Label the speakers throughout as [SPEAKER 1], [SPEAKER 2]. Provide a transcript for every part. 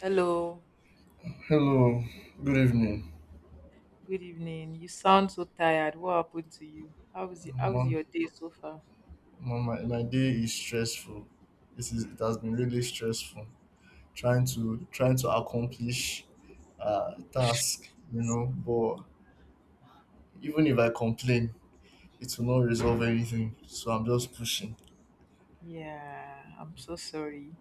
[SPEAKER 1] Hello,
[SPEAKER 2] Hello, good evening.
[SPEAKER 1] good evening. You sound so tired. What happened to you? How
[SPEAKER 2] Ma,
[SPEAKER 1] was your day so far?
[SPEAKER 2] my day is stressful. It has been really stressful trying to accomplish task, you know, but even if I complain, it will not resolve anything. So I'm just pushing.
[SPEAKER 1] Yeah, I'm so sorry.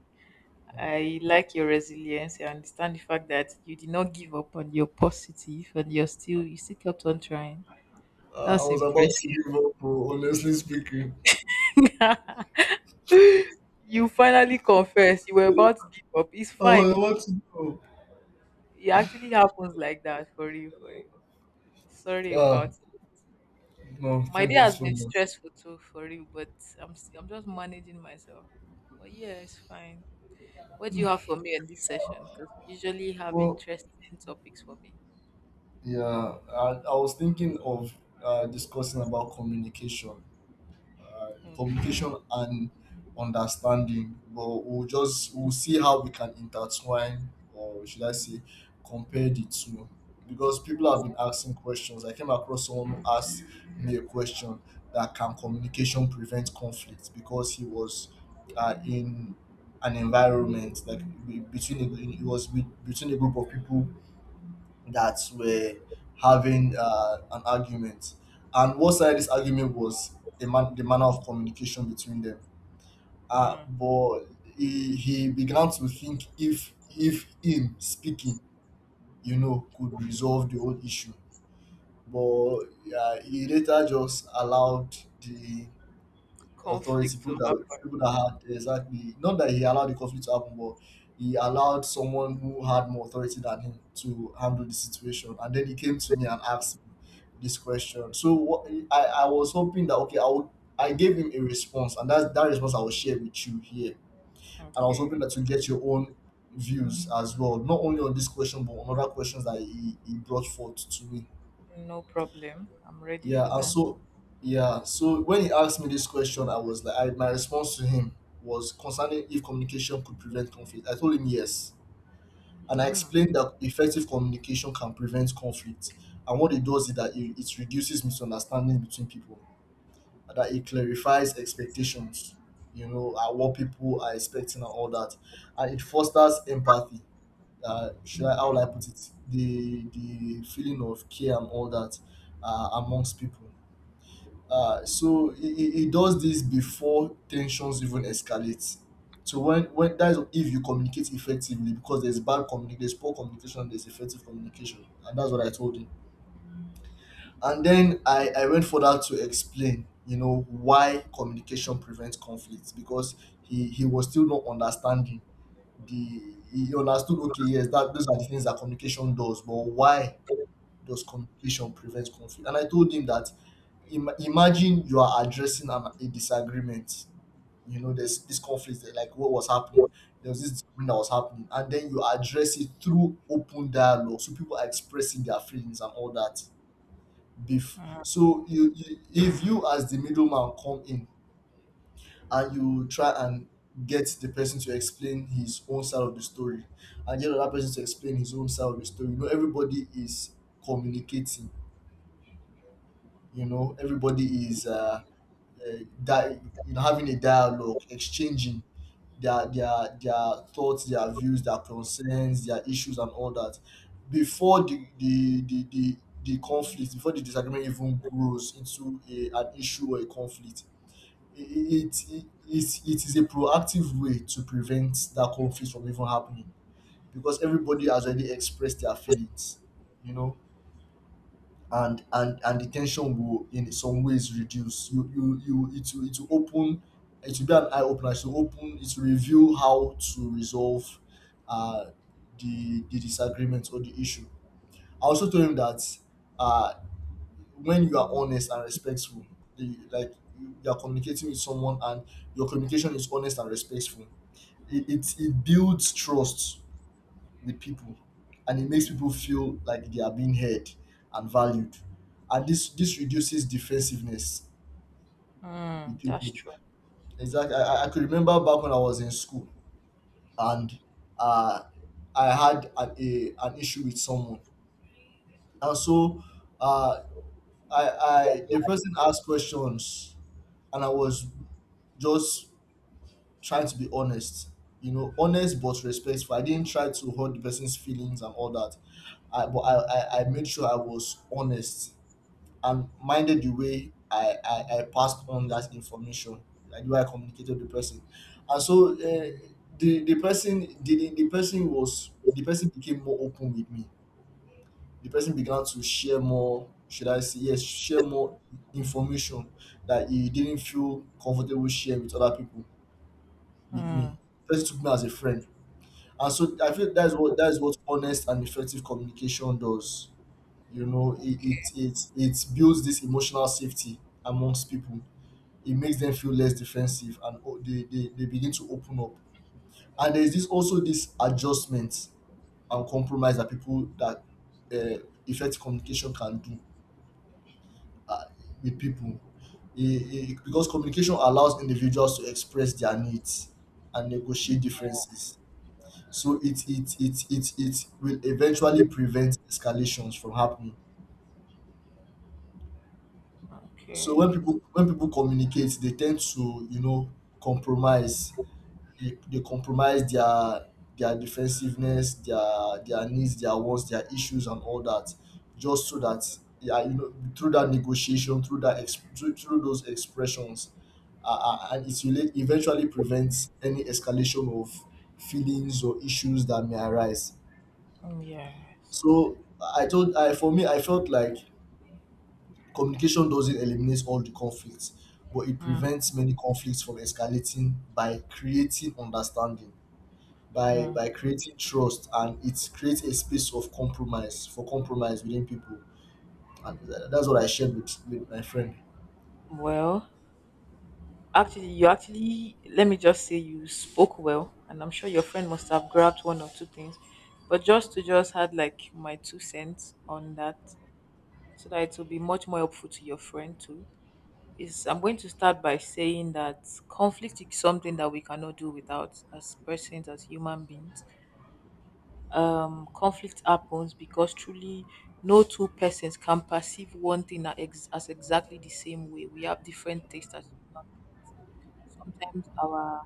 [SPEAKER 1] I like your resilience. I understand the fact that you did not give up on your positive and you still kept on trying.
[SPEAKER 2] I
[SPEAKER 1] That's
[SPEAKER 2] was about to give
[SPEAKER 1] impressive.
[SPEAKER 2] up, oh, honestly speaking.
[SPEAKER 1] You finally confessed you were about to give up. It's
[SPEAKER 2] I was
[SPEAKER 1] fine. It,
[SPEAKER 2] about to go.
[SPEAKER 1] it actually happens like that for you. Sorry about
[SPEAKER 2] Ah,
[SPEAKER 1] it.
[SPEAKER 2] no,
[SPEAKER 1] My day
[SPEAKER 2] thank you
[SPEAKER 1] has
[SPEAKER 2] so
[SPEAKER 1] been
[SPEAKER 2] much.
[SPEAKER 1] stressful too, for real, but I'm just managing myself. But yeah, it's fine. What do you have for me in this session? Because you usually have
[SPEAKER 2] Well,
[SPEAKER 1] interesting topics for me.
[SPEAKER 2] yeah, I was thinking of discussing about communication.
[SPEAKER 1] Okay.
[SPEAKER 2] Communication and understanding. But we'll see how we can intertwine, or should I say, compare the two. Because people have been asking questions. I came across someone who asked me a question that can communication prevent conflict because he was in an environment like between a, he was with, between a group of people that were having an argument, and what started this argument was the, the manner of communication between them. Uh,
[SPEAKER 1] Mm.
[SPEAKER 2] but he, he began to think if him speaking, you know, could resolve the whole issue. But he later just allowed the authority,
[SPEAKER 1] Conflict to have.
[SPEAKER 2] people that had exactly not that he allowed the conflict to happen, but he allowed someone who had more authority than him to handle the situation. And then he came to me and asked me this question. So what I was hoping that okay, I would I gave him a response, and that's that response I will share with you here. And I was hoping
[SPEAKER 1] Okay.
[SPEAKER 2] that you get your own views as well, not only on this question but on other questions that he brought forth to me.
[SPEAKER 1] No problem. I'm ready
[SPEAKER 2] Yeah,
[SPEAKER 1] for
[SPEAKER 2] and
[SPEAKER 1] that.
[SPEAKER 2] so yeah, so when he asked me this question, I was like, I, my response to him was concerning if communication could prevent conflict. I told him yes, and I
[SPEAKER 1] Mm.
[SPEAKER 2] explained that effective communication can prevent conflict, and what it does is that it reduces misunderstanding between people, that it clarifies expectations, you know, and what people are expecting and all that, and it fosters empathy. Should I how will I put it? The feeling of care and all that amongst people, so he does this before tensions even escalate. So when that's if you communicate effectively, because there's bad communication, there's poor communication, there's effective communication, and that's what I told him. And then I went further to explain, you know, why communication prevents conflicts because he was still not understanding the he understood okay yes that those are the things that communication does but why does communication prevent conflict? And I told him that imagine you are addressing an, a disagreement. You know, there's this conflict, there, like what was happening. There was this disagreement that was happening, and then you address it through open dialogue, so people are expressing their feelings and all that beef. So you if you as the middleman come in and you try and get the person to explain his own side of the story and get another person to explain his own side of the story. You know everybody is communicating, you know everybody is uh di- you know having a dialogue, exchanging their thoughts, their views, their concerns, their issues, and all that before the conflict, before the disagreement even grows into a, an issue or a conflict. It is a proactive way to prevent that conflict from even happening because everybody has already expressed their feelings, you know, and the tension will in some ways reduce. You it will open, it will be an eye opener, it will open, it will reveal how to resolve uh the disagreement or the issue. I also told him that uh when you are honest and respectful, the, like you are communicating with someone and your communication is honest and respectful, it builds trust with people, and it makes people feel like they are being heard and valued, and this reduces defensiveness with
[SPEAKER 1] Mm, that's
[SPEAKER 2] people.
[SPEAKER 1] true.
[SPEAKER 2] Exactly. I could remember back when I was in school and uh, I had an, a, an issue with someone, and so uh, I the person asked questions and I was just trying to be honest. You know, honest but respectful. I didn't try to hurt the person's feelings and all that. I but I made sure I was honest and minded the way I passed on that information, like the way I communicated with the person. And so the person was the person became more open with me. The person began to share more. Should I say yes? Share more information that he didn't feel comfortable sharing with other people with me.
[SPEAKER 1] Mm.
[SPEAKER 2] Person took me as a friend. And so I feel that's what honest and effective communication does. You know, it builds this emotional safety amongst people. It makes them feel less defensive and they begin to open up. And there's this also this adjustment and compromise that people that effective communication can do uh, with people. Because communication allows individuals to express their needs and negotiate differences, so it will eventually prevent escalations from happening. So
[SPEAKER 1] Okay.
[SPEAKER 2] when people communicate, they tend to, you know, compromise. They compromise their defensiveness, their needs, their wants, their issues, and all that, just so that yeah, you know, through that negotiation, through that through those expressions, and it will eventually prevent any escalation of feelings or issues that may arise.
[SPEAKER 1] Mm, yes.
[SPEAKER 2] So I told I for me I felt like communication doesn't eliminate all the conflicts, but it
[SPEAKER 1] Mm.
[SPEAKER 2] prevents many conflicts from escalating by creating understanding, by
[SPEAKER 1] Mm.
[SPEAKER 2] creating trust, and it creates a space of compromise for compromise within people. And that's what I shared with my friend.
[SPEAKER 1] Well, actually, let me just say you spoke well, and I'm sure your friend must have grabbed one or two things. But just to just add like my two cents on that, so that it will be much more helpful to your friend too, is I'm going to start by saying that conflict is something that we cannot do without as persons, as human beings. Conflict happens because truly no two persons can perceive one thing as, as exactly the same way. We have different tastes as human beings. Sometimes our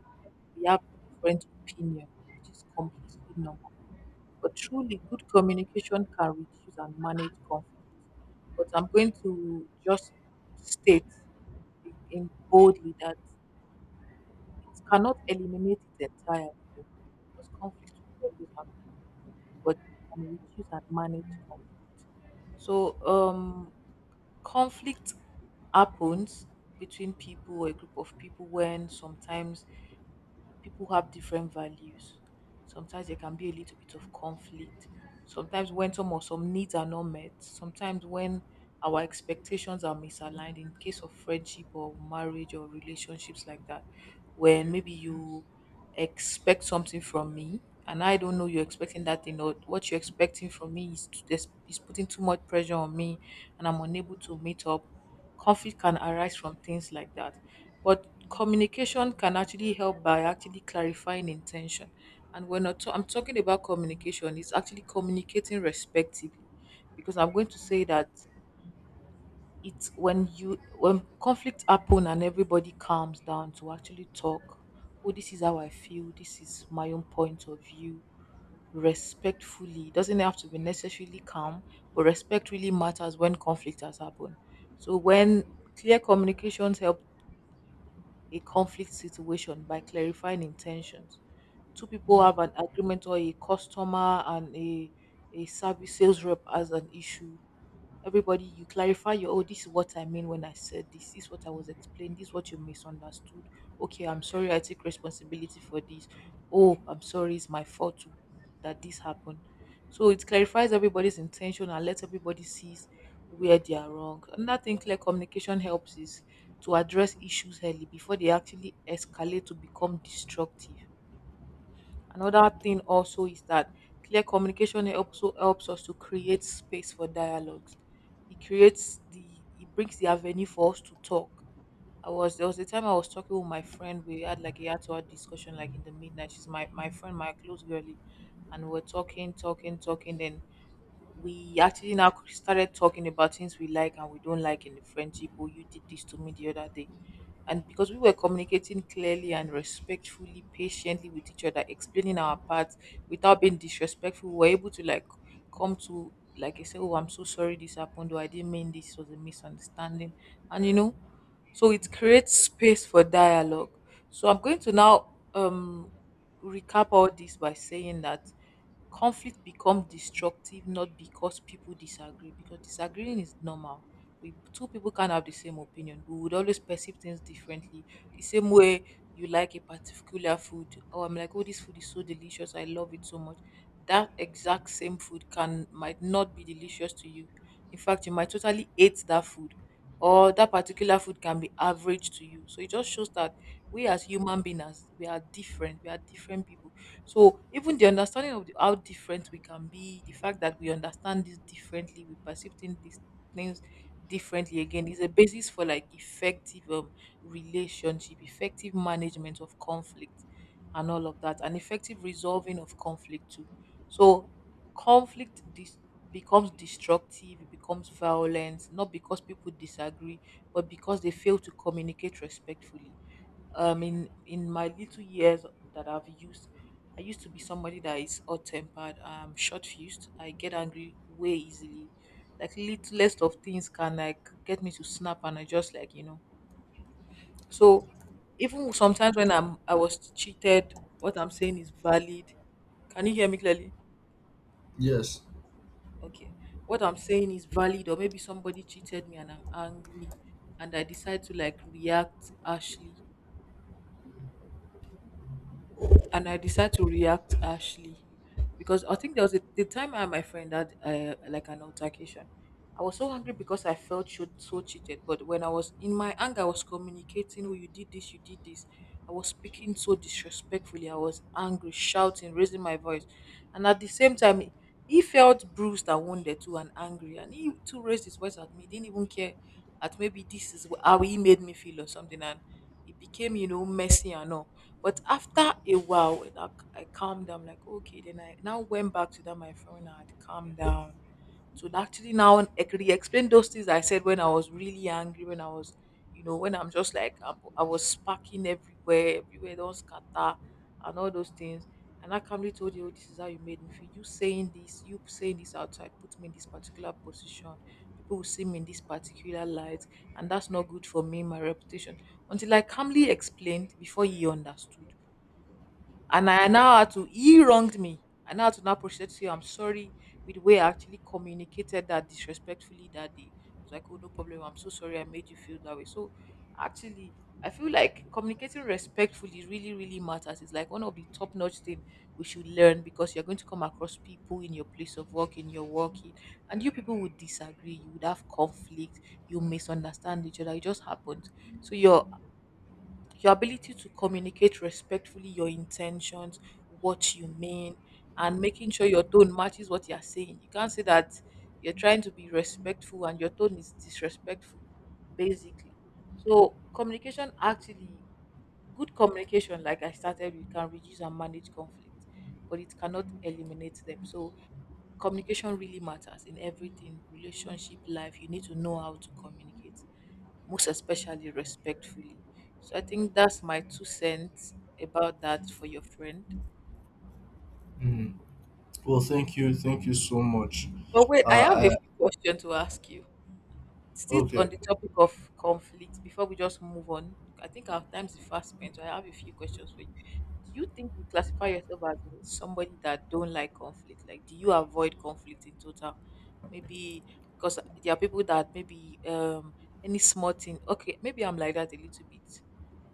[SPEAKER 1] we have different opinion, which is completely normal. But truly, good communication can reduce and manage conflict. But I'm going to just state in boldly that it cannot eliminate it entirely though, because conflict will always happen, but it can reduce and manage conflict. So, conflict happens between people or a group of people when sometimes people have different values. Sometimes there can be a little bit of conflict. Sometimes when some or some needs are not met, sometimes when our expectations are misaligned in case of friendship or marriage or relationships like that, when maybe you expect something from me and I don't know you're expecting that thing, or what you're expecting from me is, is putting too much pressure on me and I'm unable to meet up. Conflict can arise from things like that. But communication can actually help by actually clarifying intention. And when I'm talking about communication, it's actually communicating respectively, because I'm going to say that it's when you when conflict happen and everybody calms down to actually talk. Oh, this is how I feel. This is my own point of view. Respectfully, it doesn't have to be necessarily calm, but respect really matters when conflict has happened. So when clear communications help a conflict situation by clarifying intentions. Two people have an agreement, or a customer and a service sales rep as an issue, everybody, you clarify your, oh, this is what I mean when I said this, this is what I was explained, this is what you misunderstood. Okay, I'm sorry, I take responsibility for this. Oh, I'm sorry, it's my fault to- that this happened. So it clarifies everybody's intention and lets everybody sees where they are wrong. Another thing clear communication helps is to address issues early before they actually escalate to become destructive. Another thing also is that clear communication also helps us to create space for dialogues. It creates the, it brings the avenue for us to talk. I was There was a time I was talking with my friend. We had like a had to hour discussion like in the midnight. She's my friend, my close girlie. And we're talking, talking, talking. Then we actually now started talking about things we like and we don't like in the friendship. Oh, you did this to me the other day, and because we were communicating clearly and respectfully, patiently with each other, explaining our parts without being disrespectful, we were able to like come to, like I said, oh, I'm so sorry this happened, or I didn't mean this, was a misunderstanding, and you know. So it creates space for dialogue. So I'm going to now um recap all this by saying that conflict become destructive not because people disagree, because disagreeing is normal. We, two people can't have the same opinion, we would always perceive things differently. The same way you like a particular food, oh, I'm like, oh, this food is so delicious, I love it so much, that exact same food can, might not be delicious to you. In fact, you might totally hate that food, or that particular food can be average to you. So it just shows that we as human beings, we are different, we are different people. So even the understanding of the, how different we can be, the fact that we understand this differently, we perceive things, these things differently again, is a basis for like effective relationship, effective management of conflict and all of that, and effective resolving of conflict too. So conflict dis- becomes destructive, it becomes violent, not because people disagree, but because they fail to communicate respectfully. In my little years that I've used, I used to be somebody that is hot tempered, short fused. I get angry way easily. Like littlest of things can like get me to snap and I just like, you know. So even sometimes when I was cheated, what I'm saying is valid. Can you hear me clearly?
[SPEAKER 2] Yes.
[SPEAKER 1] Okay. What I'm saying is valid, or maybe somebody cheated me and I'm angry and I decide to like react harshly. And I decide to react harshly Because I think there was a, the time I and my friend had like an altercation. I was so angry because I felt so, so cheated, but when I was in my anger, I was communicating, "Oh, you did this, you did this." I was speaking so disrespectfully. I was angry, shouting, raising my voice, and at the same time, he felt bruised and wounded too, and angry, and he too raised his voice at me. He didn't even care that maybe how he made me feel or something, and it became, you know, messy and all. But after a while, when I calmed down, like, okay, then I now went back to that my friend when I had calmed down. So actually now I could explain those things I said when I was really angry, when I was, you know, when I'm just like, I was sparking everywhere, everywhere, don't scatter and all those things. And I calmly told you, oh, this is how you made me feel. You saying this outside put me in this particular position. People will see me in this particular light, and that's not good for me, my reputation. Until I calmly explained before he understood, and I now had to he wronged me. I now had to now proceed to say I'm sorry with the way I actually communicated that disrespectfully that day. It was like, oh no problem, I'm so sorry I made you feel that way. So actually I feel like communicating respectfully really, really matters. It's like one of the top notch thing we should learn because you're going to come across people in your place of work, in your working, and you people would disagree, you would have conflict, you misunderstand each other. It just happens. So your ability to communicate respectfully your intentions, what you mean, and making sure your tone matches what you're saying. You can't say that you're trying to be respectful and your tone is disrespectful, basically. So, communication actually, good communication, like I started with, can reduce and manage conflict, but it cannot eliminate them. So, communication really matters in everything, relationship, life. You need to know how to communicate, most especially respectfully. So I think that's my two cents about that for your friend.
[SPEAKER 2] Mm. Well, thank you so much.
[SPEAKER 1] But wait, I have a
[SPEAKER 2] Uh, I,
[SPEAKER 1] few questions to ask you. Still on
[SPEAKER 2] okay.
[SPEAKER 1] the topic of conflict, before we just move on, I think our time is fast spent. So I have a few questions for you. Do you think you classify yourself as somebody that don't like conflict? Like, do you avoid conflict in total? Maybe because there are people that maybe any small thing. Okay, maybe I'm like that a little bit.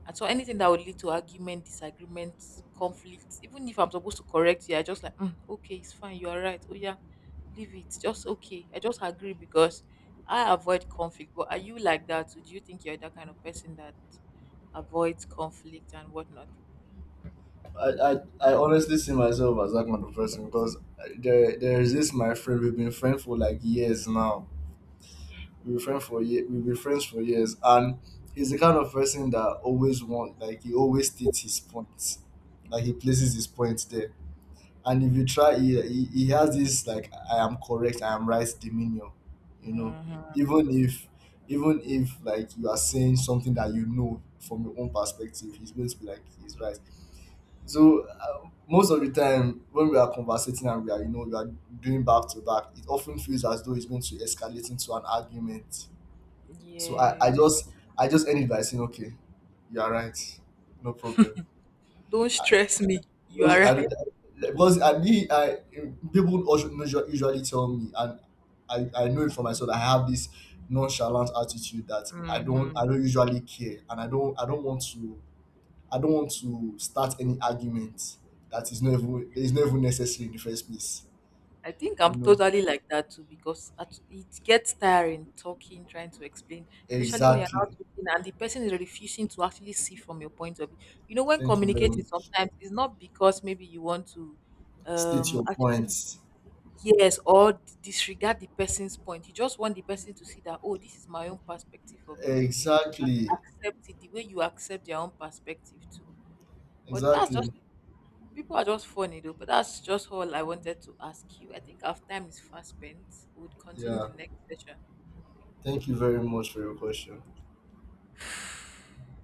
[SPEAKER 1] And so anything that would lead to argument, disagreement, conflict, even if I'm supposed to correct you, I just like, "Mm, okay, it's fine, you are right. Oh yeah, leave it. Just okay. I just agree because I avoid conflict. But are you like that? Too? Do you think you're that kind of person that avoids conflict and whatnot?
[SPEAKER 2] I, I, I honestly see myself as that kind of person because there is this my friend, we've been friends for like years now. We've been friends for we've been friends for years, and he's the kind of person that always want like he always states his points, like he places his points there. And if you try, he has this like I am correct, I am right demeanor, you know.
[SPEAKER 1] Mhm.
[SPEAKER 2] Even if even if like you are saying something that you know from your own perspective, he's going to be like he's right. So most of the time when we are conversating and we are, you know, we are doing back to back, it often feels as though it's going to escalate into an argument. So I
[SPEAKER 1] Yeah.
[SPEAKER 2] just I just end it by saying, okay, you are right, no problem.
[SPEAKER 1] Don't
[SPEAKER 2] I,
[SPEAKER 1] stress me. You are
[SPEAKER 2] because I,
[SPEAKER 1] right.
[SPEAKER 2] because I me I people also usually tell me, and I know it for myself. I have this nonchalant attitude that I
[SPEAKER 1] Mhm.
[SPEAKER 2] don't usually care, and I don't want to I don't want to start any argument that is not even that is not even necessary in the first place.
[SPEAKER 1] I think
[SPEAKER 2] You
[SPEAKER 1] I'm
[SPEAKER 2] know
[SPEAKER 1] totally like that too because it gets tiring talking, trying to explain, especially when you're not
[SPEAKER 2] exactly.
[SPEAKER 1] talking and the person is refusing to actually see from your point of view. You know, when
[SPEAKER 2] Thank you very
[SPEAKER 1] communicating,
[SPEAKER 2] much.
[SPEAKER 1] sometimes it's not because maybe you want to
[SPEAKER 2] State your
[SPEAKER 1] actually
[SPEAKER 2] points.
[SPEAKER 1] yes or disregard the person's point. You just want the person to see that, oh, this is my own perspective of this.
[SPEAKER 2] Exactly.
[SPEAKER 1] Accept it the way you accept their own perspective too. But that's,
[SPEAKER 2] Exactly.
[SPEAKER 1] people are just funny though, but that's just all I wanted to ask you. I think our time is fast spent. We'll continue
[SPEAKER 2] Yeah.
[SPEAKER 1] the next session.
[SPEAKER 2] Thank you very much for your question.